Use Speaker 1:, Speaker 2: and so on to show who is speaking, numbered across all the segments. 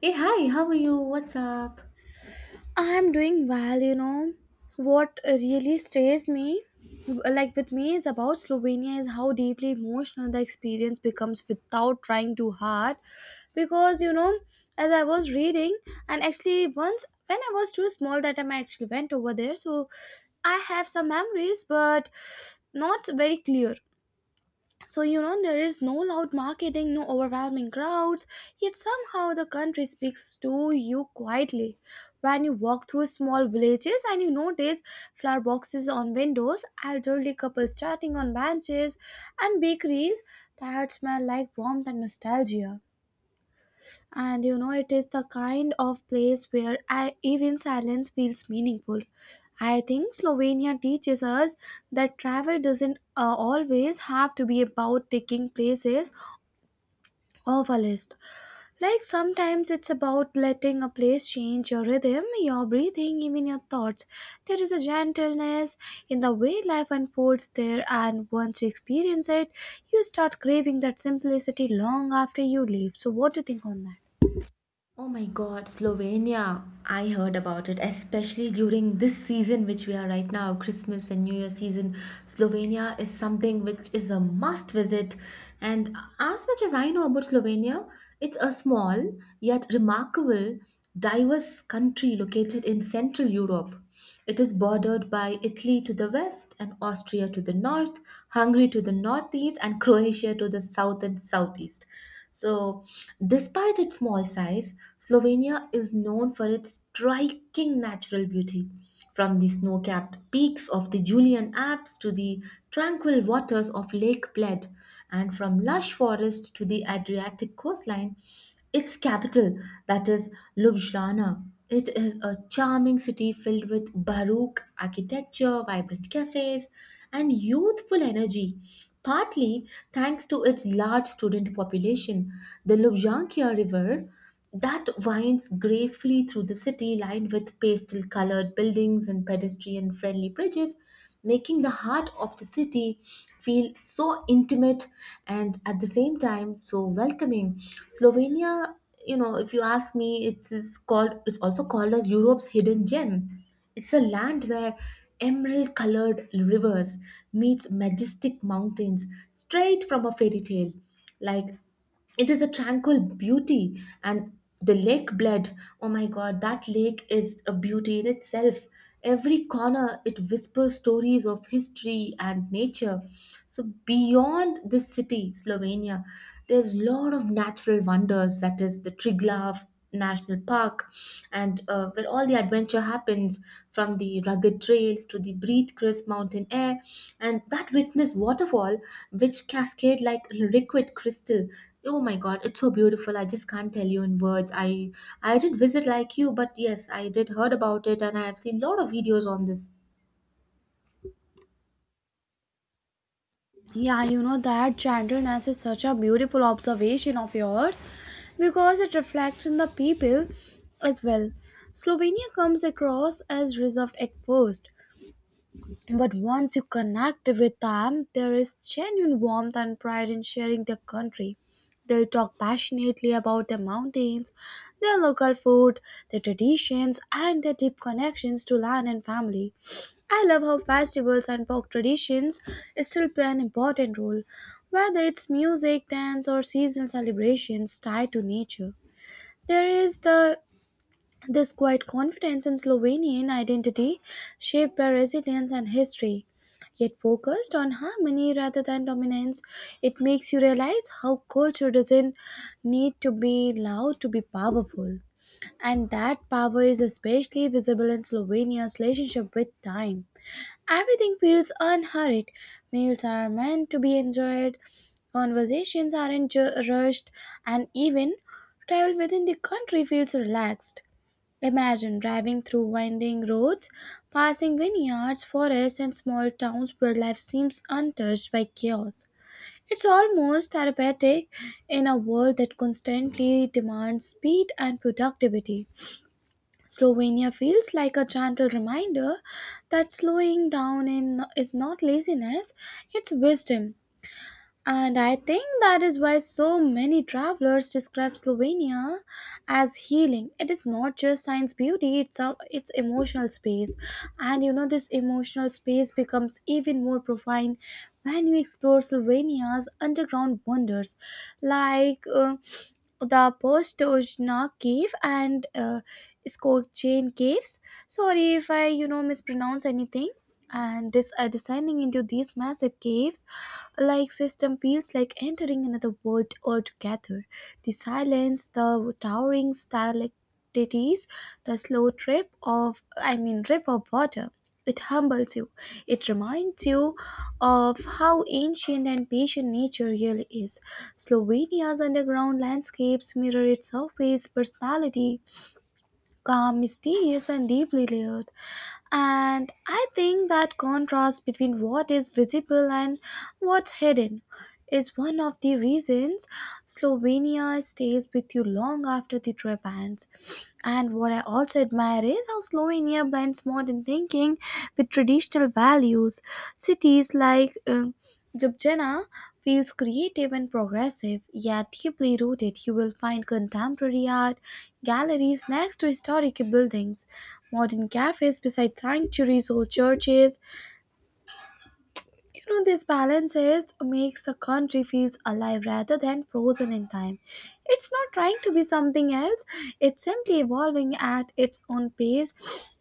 Speaker 1: Hey, hi, how are you? What's up?
Speaker 2: I'm doing well, you know. What really stays me, like with me, is about Slovenia is how deeply emotional the experience becomes without trying too hard. Because, as I was reading, and actually, once when I was too small, that time I actually went over there, so I have some memories, but not very clear. So, there is no loud marketing, no overwhelming crowds, yet somehow the country speaks to you quietly. When you walk through small villages, and you notice flower boxes on windows, elderly couples chatting on benches, and bakeries that smell like warmth and nostalgia. And it is the kind of place where I, even silence feels meaningful. I think Slovenia teaches us that travel doesn't always have to be about taking places off a list. Like sometimes it's about letting a place change your rhythm, your breathing, even your thoughts. There is a gentleness in the way life unfolds there, and once you experience it, you start craving that simplicity long after you leave. So, what do you think on that?
Speaker 1: Oh my God, Slovenia. I heard about it, especially during this season which we are right now, Christmas and New Year season. Slovenia is something which is a must visit. And as much as I know about Slovenia, it's a small yet remarkable, diverse country located in Central Europe. It is bordered by Italy to the west and Austria to the north, Hungary to the northeast, and Croatia to the south and southeast. So, despite its small size, Slovenia is known for its striking natural beauty. From the snow capped peaks of the Julian Alps to the tranquil waters of Lake Bled, and from lush forests to the Adriatic coastline, its capital, that is Ljubljana, it is a charming city filled with baroque architecture, vibrant cafes, and youthful energy. Partly thanks to its large student population, the Lubjanka River that winds gracefully through the city, lined with pastel colored buildings and pedestrian friendly bridges, making the heart of the city feel so intimate and at the same time so welcoming. Slovenia, you know, if you ask me, it is called, it's also called as Europe's hidden gem. It's a land where emerald colored rivers meets majestic mountains straight from a fairy tale, like it is a tranquil beauty. And the Lake Bled, oh my god, that lake is a beauty in itself. Every corner, it whispers stories of history and nature. So beyond this city, Slovenia, there's a lot of natural wonders. That is the Triglav National Park, and where all the adventure happens, from the rugged trails to the breathe-crisp mountain air, and that witness waterfall which cascade like liquid crystal. Oh my God, it's so beautiful. I just can't tell you in words. I didn't visit like you, but yes, I did heard about it, and I have seen a lot of videos on this.
Speaker 2: Yeah, you know that gentleness is such a beautiful observation of yours because it reflects in the people as well. Slovenia comes across as reserved at first, but once you connect with them, there is genuine warmth and pride in sharing their country. They'll talk passionately about their mountains, their local food, their traditions, and their deep connections to land and family. I love how festivals and folk traditions still play an important role, whether it's music, dance, or seasonal celebrations tied to nature. There is the this quiet confidence in Slovenian identity shaped their resilience and history. Yet focused on harmony rather than dominance, it makes you realize how culture doesn't need to be loud to be powerful. And that power is especially visible in Slovenia's relationship with time. Everything feels unhurried. Meals are meant to be enjoyed, conversations aren't rushed, and even travel within the country feels relaxed. Imagine driving through winding roads, passing vineyards, forests, and small towns where life seems untouched by chaos. It's almost therapeutic in a world that constantly demands speed and productivity. Slovenia feels like a gentle reminder that slowing down is not laziness, it's wisdom. And I think that is why so many travelers describe Slovenia as healing. It is not just science beauty, it's emotional space. And you know this emotional space becomes even more profound when you explore Slovenia's underground wonders like the Postojna cave and Skokchain caves. Sorry if I mispronounce anything. And this descending into these massive caves, like system feels like entering another world altogether. The silence, the towering stalactites, it is the slow drip of, I mean, drip of water. It humbles you. It reminds you of how ancient and patient nature really is. Slovenia's underground landscapes mirror its surface personality, calm, mysterious, and deeply layered. And I think that contrast between what is visible and what's hidden is one of the reasons Slovenia stays with you long after the trip ends. And what I also admire is how Slovenia blends modern thinking with traditional values. Cities like Ljubljana feels creative and progressive, yet deeply rooted. You will find contemporary art galleries next to historic buildings, modern cafes beside sanctuaries, old churches. This balance is makes the country feels alive rather than frozen in time. It's not trying to be something else, it's simply evolving at its own pace.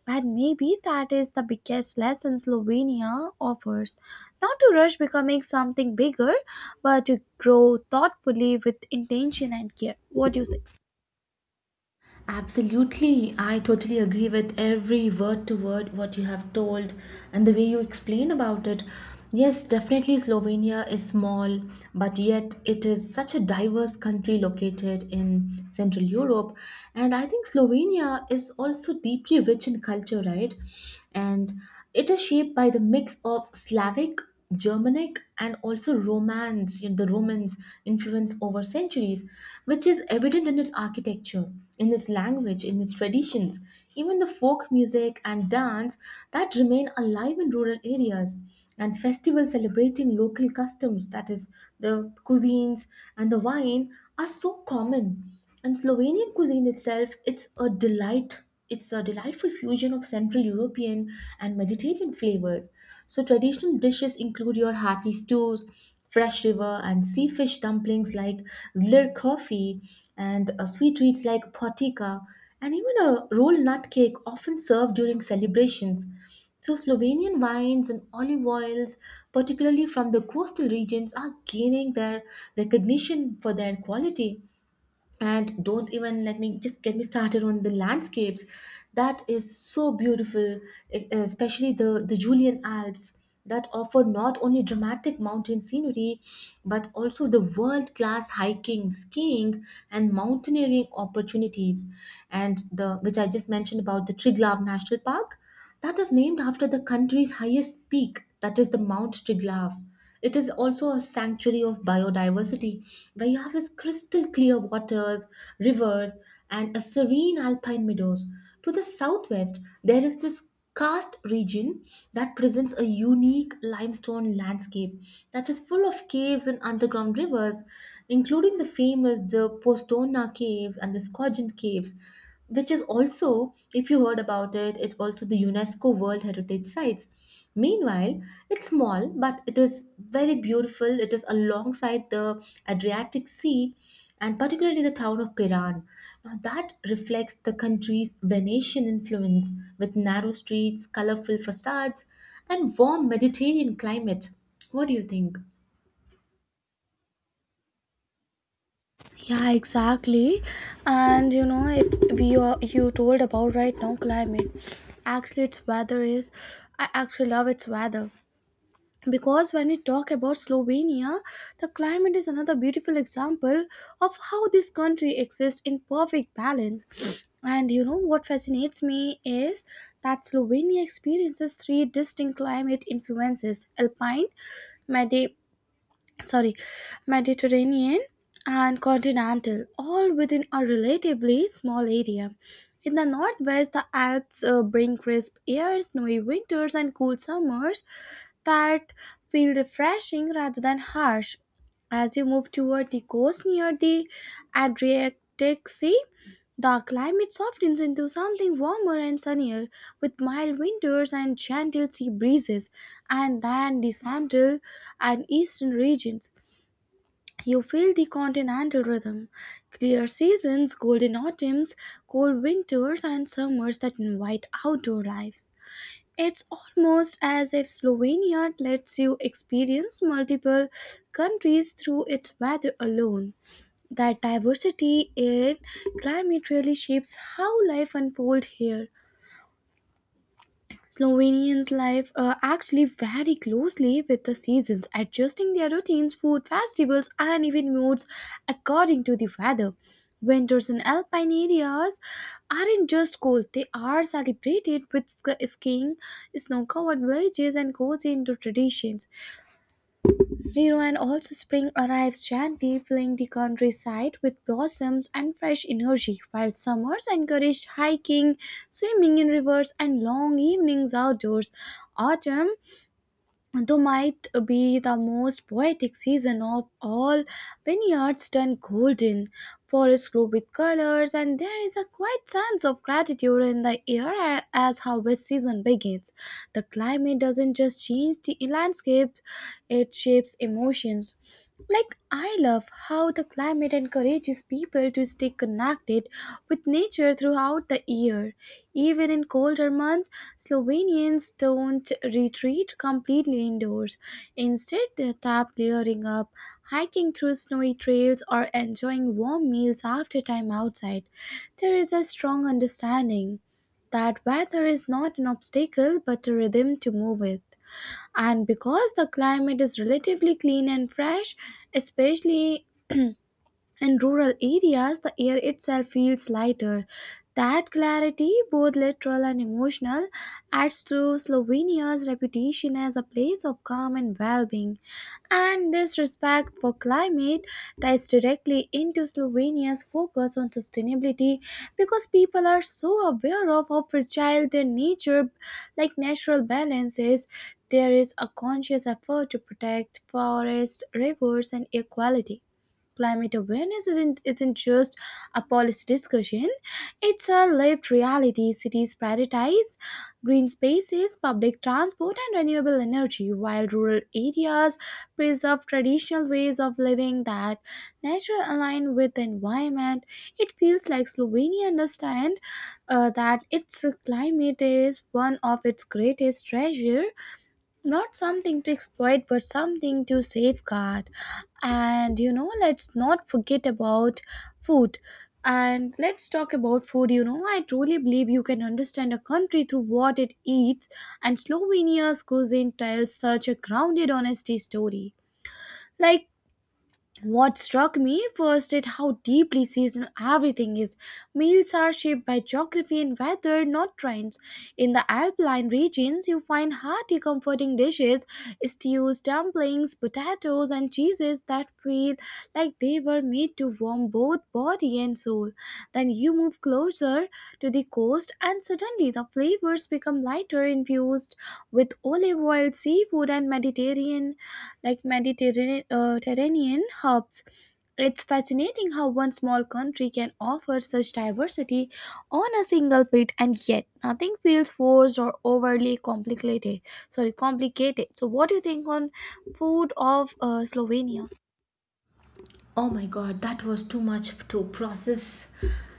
Speaker 2: And maybe that is the biggest lesson Slovenia offers. Not to rush becoming something bigger, but to grow thoughtfully with intention and care. What do you say?
Speaker 1: Absolutely, I totally agree with every word to word what you have told and the way you explain about it. Yes, definitely Slovenia is small, but yet it is such a diverse country located in Central Europe. And I think Slovenia is also deeply rich in culture, right? And it is shaped by the mix of Slavic Germanic and also Romance, you know, the Romans influence over centuries, which is evident in its architecture, in its language, in its traditions, even the folk music and dance that remain alive in rural areas, and festivals celebrating local customs, that is, the cuisines and the wine, are so common. And Slovenian cuisine itself, it's a delight. It's a delightful fusion of Central European and Mediterranean flavors. So traditional dishes include your hearty stews, fresh river and sea fish dumplings like zlir coffee, and sweet treats like potika, and even a roll nut cake often served during celebrations. So Slovenian wines and olive oils, particularly from the coastal regions, are gaining their recognition for their quality. And don't even let me just get me started on the landscapes that is so beautiful, especially the Julian Alps that offer not only dramatic mountain scenery but also the world class hiking, skiing, and mountaineering opportunities. And the, which I just mentioned about the Triglav National Park, that is named after the country's highest peak, that is the Mount Triglav. It is also a sanctuary of biodiversity where you have this crystal clear waters, rivers, and a serene alpine meadows. To the southwest, there is this karst region that presents a unique limestone landscape that is full of caves and underground rivers, including the famous the Postona caves and the Skogent caves, which is also, if you heard about it, it's also the UNESCO World Heritage Sites. Meanwhile, it's small, but it is very beautiful. It is alongside the Adriatic Sea and particularly the town of Piran. Now, that reflects the country's Venetian influence with narrow streets, colorful facades, and warm Mediterranean climate. What do you think?
Speaker 2: Yeah, exactly. And you know if we are, you told about right now climate. Actually, its weather is, I actually love its weather, because when we talk about Slovenia, the climate is another beautiful example of how this country exists in perfect balance. And you know what fascinates me is that Slovenia experiences three distinct climate influences, alpine, sorry, Mediterranean and continental, all within a relatively small area. In the northwest, the Alps bring crisp airs, snowy winters, and cool summers that feel refreshing rather than harsh. As you move toward the coast near the Adriatic Sea, the climate softens into something warmer and sunnier, with mild winters and gentle sea breezes, and then the central and eastern regions. You feel the continental rhythm, clear seasons, golden autumns, cold winters, and summers that invite outdoor lives. It's almost as if Slovenia lets you experience multiple countries through its weather alone. That diversity in climate really shapes how life unfolds here. Slovenians live actually very closely with the seasons, adjusting their routines, food festivals, and even moods according to the weather. Winters in alpine areas aren't just cold, they are celebrated with skiing, snow covered villages, and cozy indoor traditions. Hero and also spring arrives gently, filling the countryside with blossoms and fresh energy, while summers encourage hiking, swimming in rivers, and long evenings outdoors. Autumn though might be the most poetic season of all. Vineyards turn golden, forests glow with colors, and there is a quiet sense of gratitude in the air as harvest season begins. The climate doesn't just change the landscape, it shapes emotions. Like, I love how the climate time, it encourages people to stay connected with nature throughout the year. Even in colder months, Slovenians don't retreat completely indoors. Instead, they tap layering up, hiking through snowy trails, or enjoying warm meals after time outside. There is a strong understanding that weather is not an obstacle but a rhythm to move with. And because the climate is relatively clean and fresh, especially in rural areas, the air itself feels lighter. That clarity, both literal and emotional, adds to Slovenia's reputation as a place of calm and well being. And this respect for climate ties directly into Slovenia's focus on sustainability, because people are so aware of how fragile their nature, like natural balance, is. There is a conscious effort to protect forests, rivers, and air quality. Climate awareness isn't just a policy discussion, it's a lived reality. Cities prioritize green spaces, public transport, and renewable energy, while rural areas preserve traditional ways of living that nature align with the environment. It feels like Slovenia understands that its climate is one of its greatest treasure, not something to exploit but something to safeguard. And let's not forget about food, and let's talk about food. I truly believe you can understand a country through what it eats, and Slovenia's cuisine tells such a grounded honesty story. Like, what struck me first is how deeply seasonal everything is. Meals are shaped by geography and weather, not trends. In the alpine regions, you find hearty, comforting dishes, stews, dumplings, potatoes, and cheeses that feel like they were made to warm both body and soul. Then you move closer to the coast, and suddenly the flavors become lighter, infused with olive oil, seafood, and Mediterranean like Mediterranean Mediterranean hubs. It's fascinating how one small country can offer such diversity on a single plate, and yet nothing feels forced or overly complicated. Sorry, complicated. So, what do you think on food of Slovenia?
Speaker 1: Oh my god, that was too much to process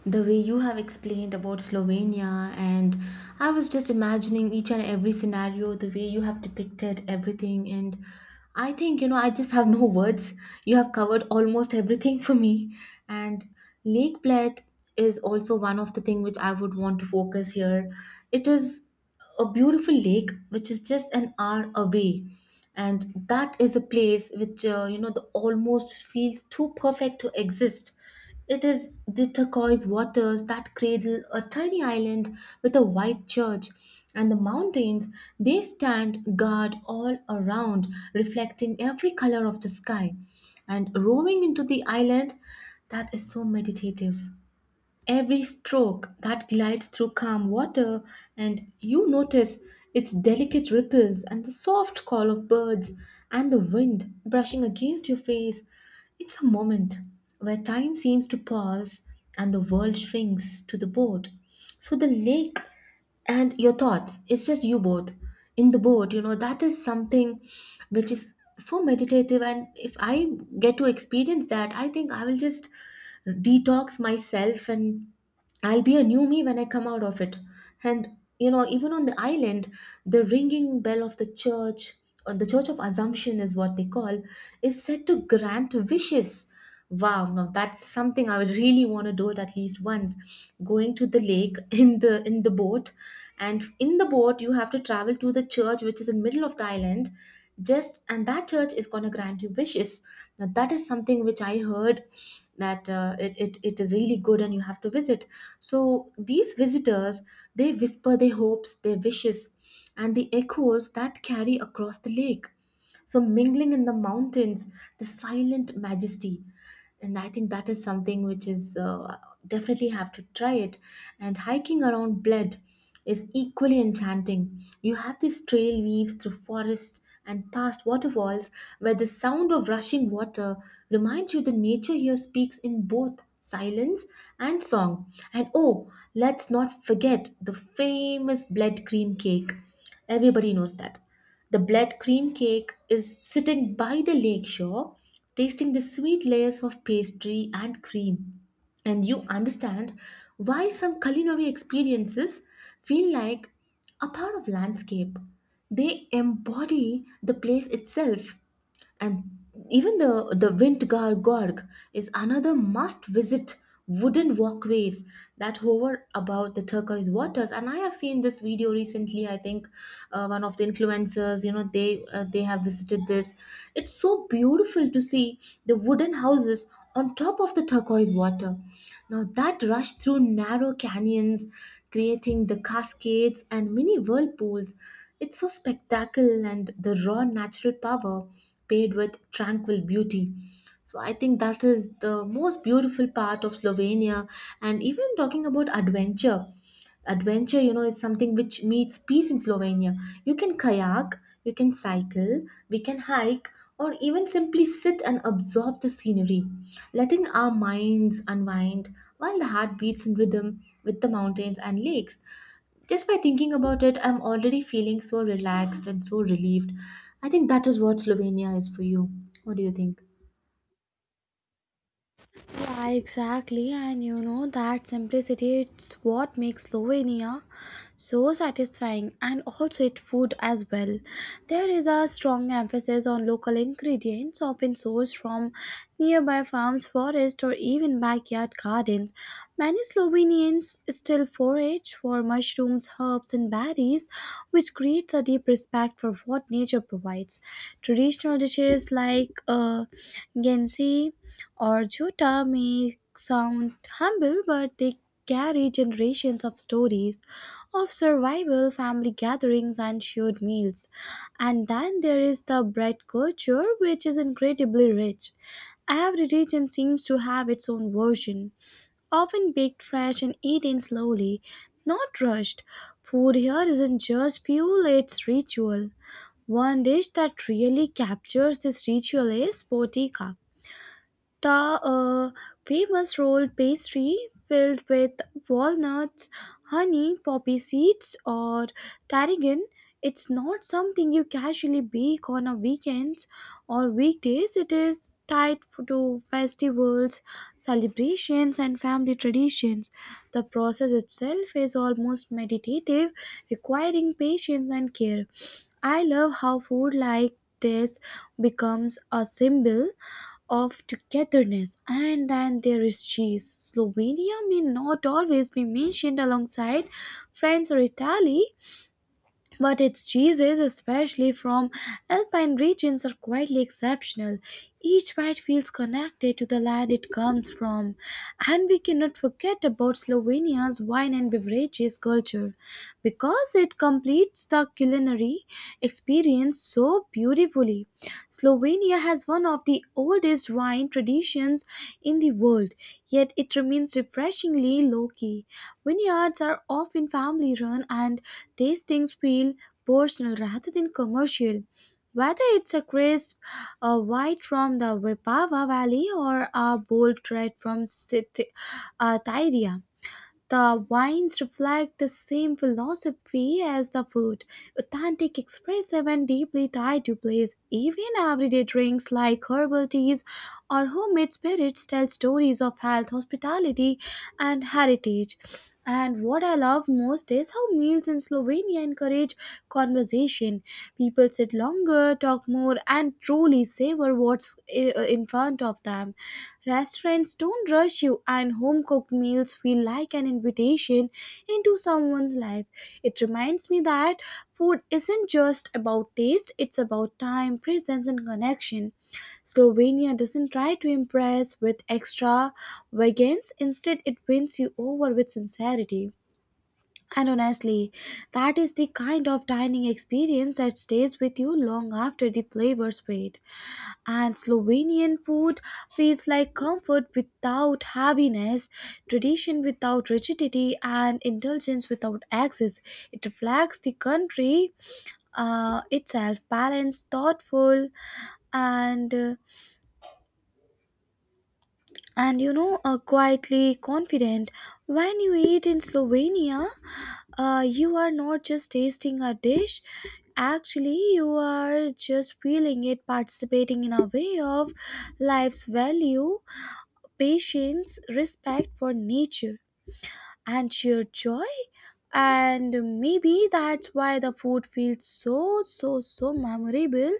Speaker 1: the way you have explained about Slovenia. And I was just imagining each and every scenario, the way you have depicted everything. And I think, you know, I just have no words. You have covered almost everything for me. And Lake Bled is also one of the thing which I would want to focus here. It is a beautiful lake which is just an hour away, and that is a place which, you know, the almost feels too perfect to exist. It is the turquoise waters that cradle a tiny island with a white church, and the mountains, they stand guard all around, reflecting every color of the sky. And roaming into the island, that is so meditative. Every stroke that glides through calm water, and you notice its delicate ripples and the soft call of birds and the wind brushing against your face. It's a moment where time seems to pause and the world shrinks to the boat. So the lake and your thoughts, it's just you both in the boat, you know, that is something which is so meditative. And if I get to experience that, I think I will just detox myself and I'll be a new me when I come out of it. And you know, even on the island, the ringing bell of the church, or the Church of Assumption is what they call, is said to grant wishes. Wow, now that's something I would really want to do it at least once. Going to the lake in the boat, and in the boat you have to travel to the church which is in middle of the island. Just and that church is gonna grant you wishes. Now that is something which I heard that it it is really good and you have to visit. So these visitors, they whisper their hopes, their wishes, and the echoes that carry across the lake, so mingling in the mountains, the silent majesty. And I think that is something which is definitely have to try it. And hiking around Bled is equally enchanting. You have this trail weaves through forests and past waterfalls where the sound of rushing water reminds you the nature here speaks in both silence and song. And oh, let's not forget the famous blood cream cake. Everybody knows that. The blood cream cake is sitting by the lakeshore, tasting the sweet layers of pastry and cream, and you understand why some culinary experiences feel like a part of landscape, they embody the place itself. And even the Windgar Gorg is another must visit. Wooden walkways that hover above the turquoise waters, and I have seen this video recently, I think one of the influencers, you know, they have visited this. It's so beautiful to see the wooden houses on top of the turquoise water, now that rush through narrow canyons, creating the cascades and mini whirlpools. It's so spectacular, and the raw natural power paired with tranquil beauty. So I think that is the most beautiful part of Slovenia. And even talking about adventure, you know, is something which meets peace in Slovenia. You can kayak, you can cycle, we can hike, or even simply sit and absorb the scenery, letting our minds unwind while the heart beats in rhythm with the mountains and lakes. Just by thinking about it, I'm already feeling so relaxed and so relieved. I think that is what Slovenia is for you. What do you think?
Speaker 2: Yeah, exactly. And you know that simplicity, it's what makes Slovenia so satisfying, and also its food as well. There is a strong emphasis on local ingredients, often sourced from nearby farms, forests, or even backyard gardens. Many Slovenians still forage for mushrooms, herbs, and berries, which creates a deep respect for what nature provides. Traditional dishes like gensi or Jota may sound humble, but they carry generations of stories of survival, family gatherings, and shared meals. And then there is the bread culture, which is incredibly rich. Every region seems to have its own version, often baked fresh and eaten slowly, not rushed. Food here isn't just fuel, it's ritual. One dish that really captures this ritual is potika, the uh, famous rolled pastry filled with walnuts, honey, poppy seeds, or tarragon. It's not something you casually bake on a weekends or weekdays. It is tied to festivals, celebrations, and family traditions. The process itself is almost meditative, requiring patience and care. I love how food like this becomes a symbol of togetherness. And then there is cheese. Slovenia may not always be mentioned alongside France or Italy, but its cheeses, especially from alpine regions, are quietly exceptional. Each bite feels connected to the land it comes from. And we cannot forget about Slovenia's wine and beverages culture, because it completes the culinary experience so beautifully. Slovenia has one of the oldest wine traditions in the world, yet it remains refreshingly low key. Vineyards are often family run, and tastings feel personal rather than commercial. Whether it's a crisp white from the Vipava Valley or a bold red from Tyria, the wines reflect the same philosophy as the food, authentic, expressive, and deeply tied to place. Even everyday drinks like herbal teas or homemade spirits tell stories of health, hospitality, and heritage. And what I love most is how meals in Slovenia encourage conversation. People sit longer, talk more, and truly savor what's in front of them. Restaurants don't rush you, and home cooked meals feel like an invitation into someone's life. It reminds me that food isn't just about taste, it's about time, presence, and connection. Slovenia doesn't try to impress with extravagance, instead, it wins you over with sincerity. And honestly, that is the kind of dining experience that stays with you long after the flavors fade. And Slovenian food feels like comfort without heaviness, tradition without rigidity, and indulgence without excess. It reflects the country itself, balanced, thoughtful, and uh, and quietly confident. When you eat in Slovenia, you are not just tasting a dish, actually you are just feeling it, participating in a way of life's value, patience, respect for nature, and sheer joy. And maybe that's why the food feels so memorable.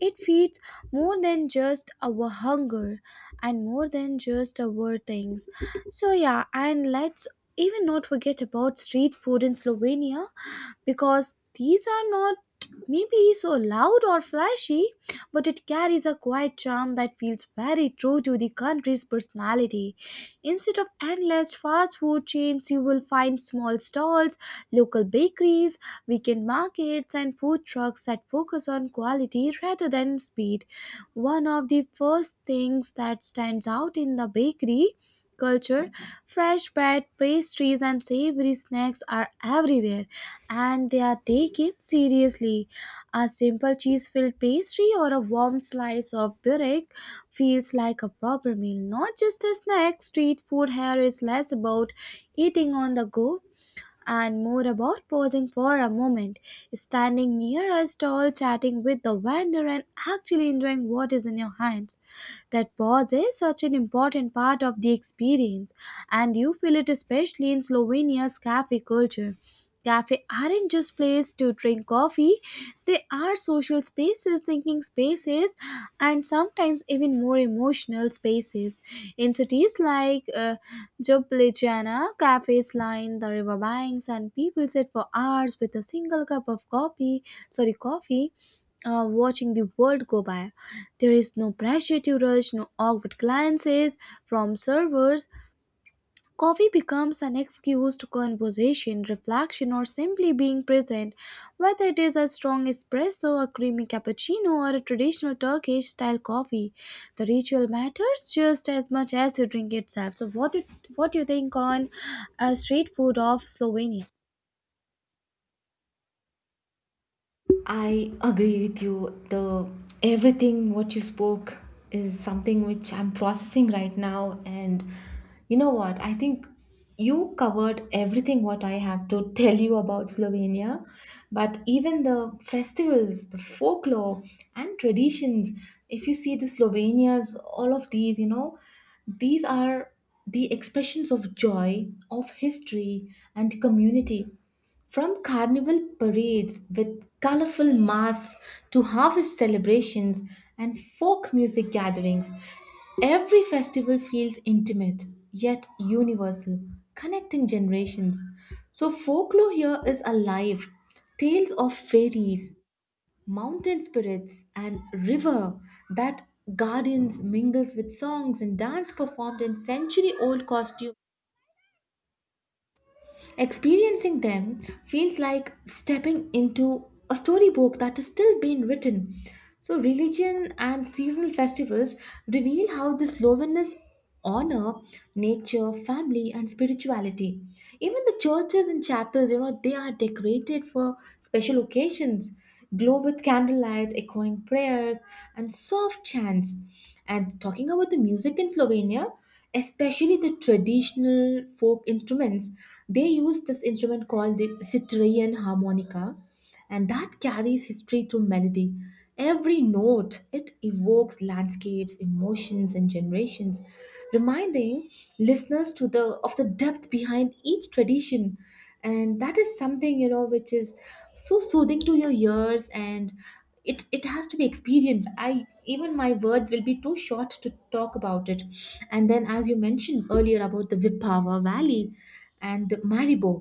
Speaker 2: It feeds more than just our hunger and more than just our things. So, yeah, and let's even not forget about street food in Slovenia, because these are not maybe so loud or flashy, but it carries a quiet charm that feels very true to the country's personality. Instead of endless fast food chains, you will find small stalls, local bakeries, weekend markets, and food trucks that focus on quality rather than speed. One of the first things that stands out in the bakery culture, fresh bread, pastries, and savory snacks are everywhere, and they are taken seriously. A simple cheese filled pastry or a warm slice of burek feels like a proper meal, not just a snack. Street food here is less about eating on the go and more about pausing for a moment, standing near a stall, chatting with the vendor, and actually enjoying what is in your hands. That pause is such an important part of the experience, and you feel it especially in Slovenia's cafe culture. Cafe aren't just places to drink coffee, they are social spaces, thinking spaces, and sometimes even more emotional spaces. In cities like Ljubljana, cafes line the riverbanks, and people sit for hours with a single cup of coffee. Sorry, coffee, watching the world go by. There is no pressure to rush, no awkward glances from servers. Coffee becomes an excuse to conversation, reflection, or simply being present. Whether it is a strong espresso, a creamy cappuccino, or a traditional Turkish style coffee, the ritual matters just as much as the drink itself. So, what do you think on street food of Slovenia?
Speaker 1: I agree with you. The everything what you spoke is something which I'm processing right now. And you know what? I think you covered everything what I have to tell you about Slovenia. But even the festivals, the folklore and traditions, if you see the Slovenia's all of these, you know, these are the expressions of joy, of history and community. From carnival parades with colorful masks to harvest celebrations and folk music gatherings, every festival feels intimate yet universal, connecting generations. So, folklore here is alive. Tales of fairies, mountain spirits, and river that guardians mingles with songs and dance performed in century old costumes. Experiencing them feels like stepping into a storybook that is still being written. So, religion and seasonal festivals reveal how the Slovenians honor nature, family, and spirituality. Even the churches and chapels, you know, they are decorated for special occasions, glow with candlelight, echoing prayers, and soft chants. And talking about the music in Slovenia, especially the traditional folk instruments. They use this instrument called the Citerian harmonica, and that carries history through melody. Every note, it evokes landscapes, emotions, and generations, reminding listeners to the of the depth behind each tradition. And that is something, you know, which is so soothing to your ears, and it has to be experienced. I Even my words will be too short to talk about it. And then, as you mentioned earlier about the Vipava valley and the maribo,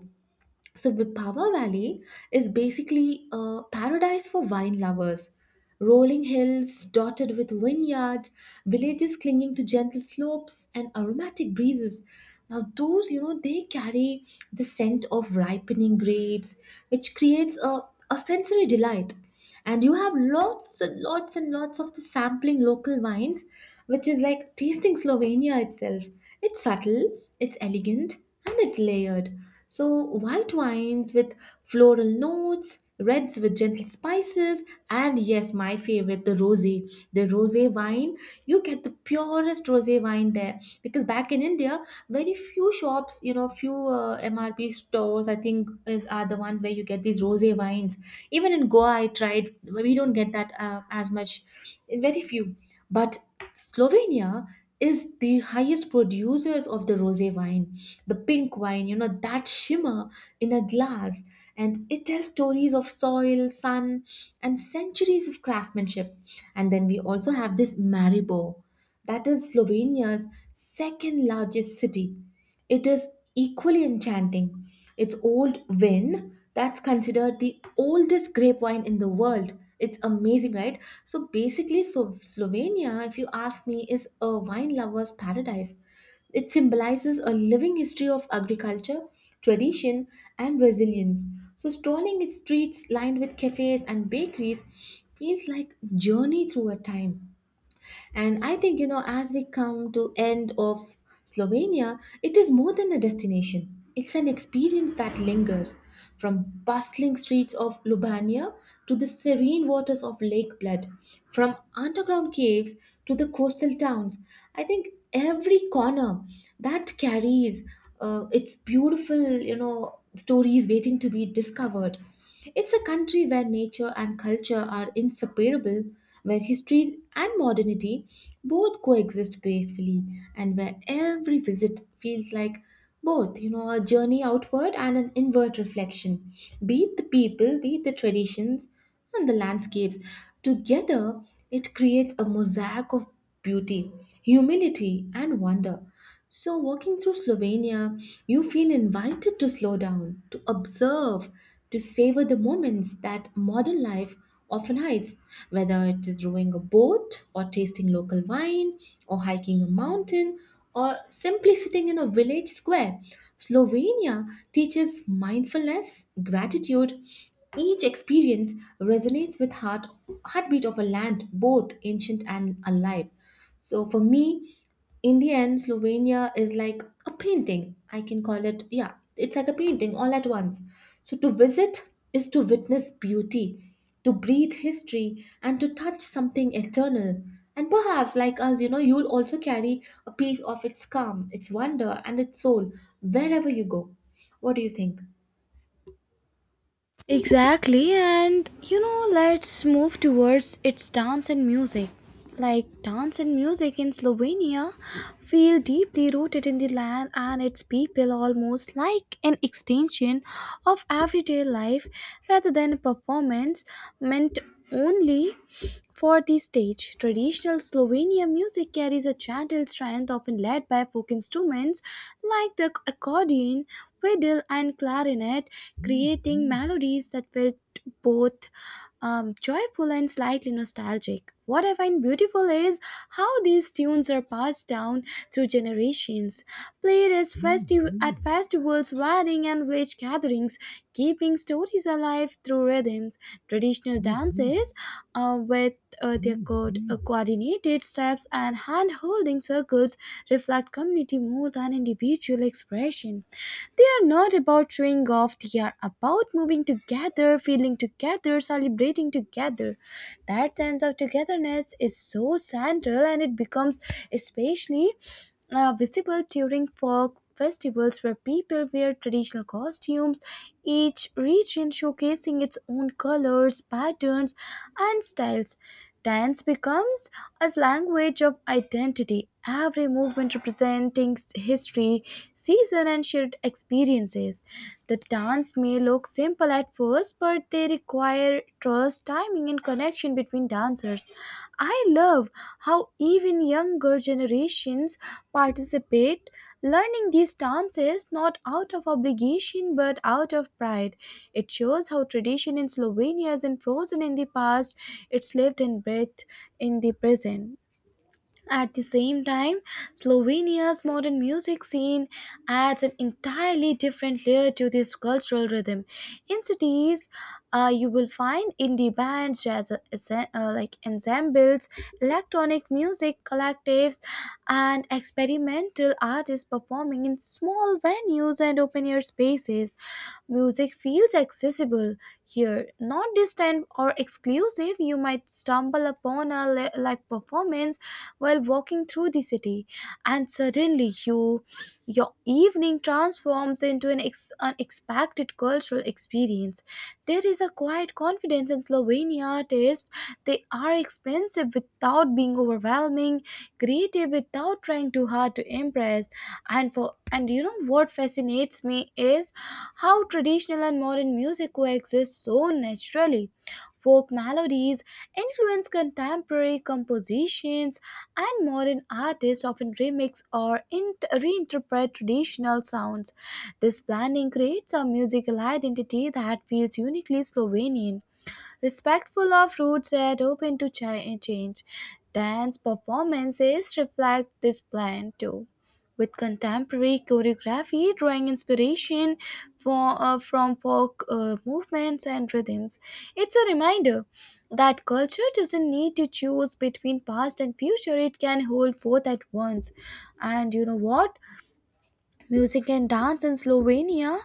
Speaker 1: so Vipava valley is basically a paradise for wine lovers. Rolling hills dotted with vineyards, villages clinging to gentle slopes and aromatic breezes. Now those, you know, they carry the scent of ripening grapes, which creates a sensory delight. And you have lots and lots and lots of the sampling local wines, which is like tasting slovenia itself. It's subtle, it's elegant, and it's layered. So white wines with floral notes, reds with gentle spices, and yes, my favorite, the rosé, the rosé wine. You get the purest rosé wine there, because back in india, very few shops, you know, few mrp stores, I think, is are the ones where you get these rosé wines. Even in Goa, I tried. We don't get that as much, very few. But Slovenia is the highest producers of the rosé wine, the pink wine. You know, that shimmer in a glass, and it tells stories of soil, sun, and centuries of craftsmanship. And then we also have this Maribor, that is Slovenia's second largest city. It is equally enchanting. It's Old Vin that's considered the oldest grape wine in the world. It's amazing, right? So basically, so Slovenia, if you ask me, is a wine lover's paradise. It symbolizes a living history of agriculture, tradition, and resilience. So strolling its streets lined with cafes and bakeries feels like journey through a time. And I think, you know, as we come to end of slovenia, it is more than a destination, it's an experience that lingers. From bustling streets of Lubania to the serene waters of Lake Bled, from underground caves to the coastal towns. I think every corner that carries its beautiful, stories waiting to be discovered. It's a country where nature and culture are inseparable, where histories and modernity both coexist gracefully, and where every visit feels like both, you know, a journey outward and an inward reflection. Be it the people, be it the traditions and the landscapes, together it creates a mosaic of beauty, humility, and wonder. So walking through slovenia, you feel invited to slow down, to observe, to savor the moments that modern life often hides, whether it is rowing a boat, or tasting local wine, or hiking a mountain, or simply sitting in a village square. Slovenia teaches mindfulness, gratitude. Each experience resonates with heart, heartbeat of a land, both ancient and alive. So for me, in the end, slovenia is like a painting, I can call it. Yeah, it's like a painting all at once. So to visit is to witness beauty, to breathe history, and to touch something eternal. And perhaps like us, you know, you'll also carry a piece of its calm, its wonder, and its soul, wherever you go. What do you think?
Speaker 2: Exactly, and you know, let's move towards its dance and music. Like, dance and music in Slovenia feel deeply rooted in the land and its people, almost like an extension of everyday life rather than a performance meant only for the stage. Traditional Slovenian music carries a gentle strength, often led by folk instruments like the accordion, fiddle, and clarinet, creating melodies that felt both joyful and slightly nostalgic. What I find beautiful is how these tunes are passed down through generations, played at festivals, weddings, and village gatherings, keeping stories alive through rhythms. Traditional dances with their coordinated steps and hand holding circles reflect community more than individual expression. They are not about showing off feeling of, they are about moving together, feeling together, celebrating together. That sense of togetherness is so central, and it becomes especially visible during folk festivals where people wear traditional costumes, each region showcasing its own colors, patterns, and styles. Dance becomes a language of identity, every movement representing history, season, and shared experiences. The dance may look simple at first, but they require trust, timing, and connection between dancers. I love how even younger generations participate, learning these dances not out of obligation but out of pride. It shows how tradition in Slovenia isn't frozen in the past, it's lived and breathed in the present. At the same time, Slovenia's modern music scene adds an entirely different layer to this cultural rhythm. In cities, you will find indie bands, jazz ensembles, electronic music collectives, and experimental artists performing in small venues and open air spaces. Music feels accessible here, not distant or exclusive. You might stumble upon a live performance while walking through the city, and suddenly your evening transforms into an unexpected cultural experience. There is a quiet confidence in Slovenia artists. They are expensive without being overwhelming, creative without trying too hard to impress, and for and you know what fascinates me is how traditional and modern music coexist so naturally. Folk melodies influence contemporary compositions, and modern artists often remix or reinterpret traditional sounds. This blending creates a musical identity that feels uniquely Slovenian, respectful of roots and open to change. Dance performances reflect this plan too, with contemporary choreography drawing inspiration from folk movements and rhythms. It's a reminder that culture doesn't need to choose between past and future, it can hold both at once. And you know what? Music and dance in Slovenia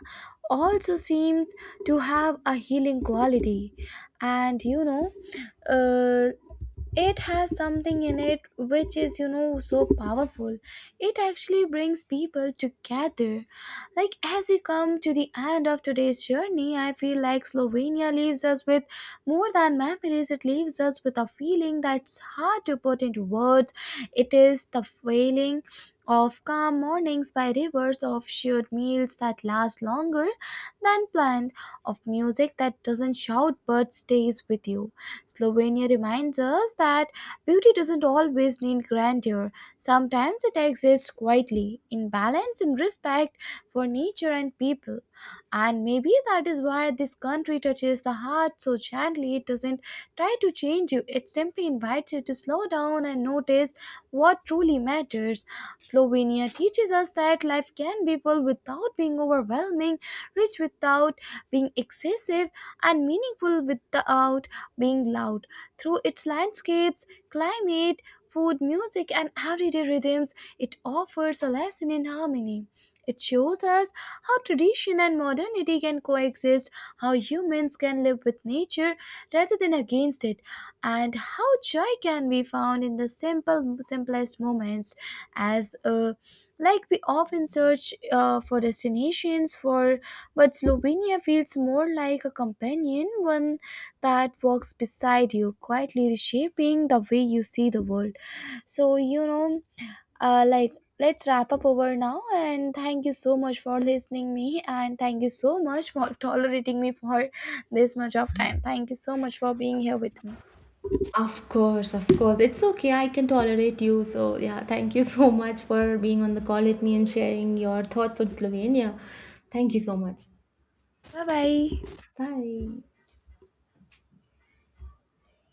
Speaker 2: also seems to have a healing quality. And you know, uh, it has something in it which is you know so powerful, it actually brings people together. Like, as we come to the end of today's journey, I feel like Slovenia leaves us with more than memories, it leaves us with a feeling that's hard to put into words. It is the feeling of calm mornings by rivers, of shared meals that last longer than planned, of music that doesn't shout but stays with you. Slovenia reminds us that beauty doesn't always need grandeur. Sometimes it exists quietly, in balance and respect for nature and people. And maybe that is why this country touches the heart so gently. It doesn't try to change you, it simply invites you to slow down and notice what truly matters. Slovenia teaches us that life can be full without being overwhelming, rich without being excessive, and meaningful without being loud. Through its landscapes, climate, food, music, and everyday rhythms, it offers a lesson in harmony. It shows us how tradition and modernity can coexist, how humans can live with nature rather than against it, and how joy can be found in the simplest moments. As like we often search for destinations, but Slovenia feels more like a companion, one that walks beside you, quietly reshaping the way you see the world. So, you know, uh, like, let's wrap up over now. And thank you so much for listening me. And thank you so much for tolerating me for this much of time. Thank you so much for being here with me.
Speaker 1: Of course, of course. It's okay, I can tolerate you. So, yeah, thank you so much for being on the call with me and sharing your thoughts on Slovenia. Thank you so much.
Speaker 2: Bye bye.
Speaker 1: Bye.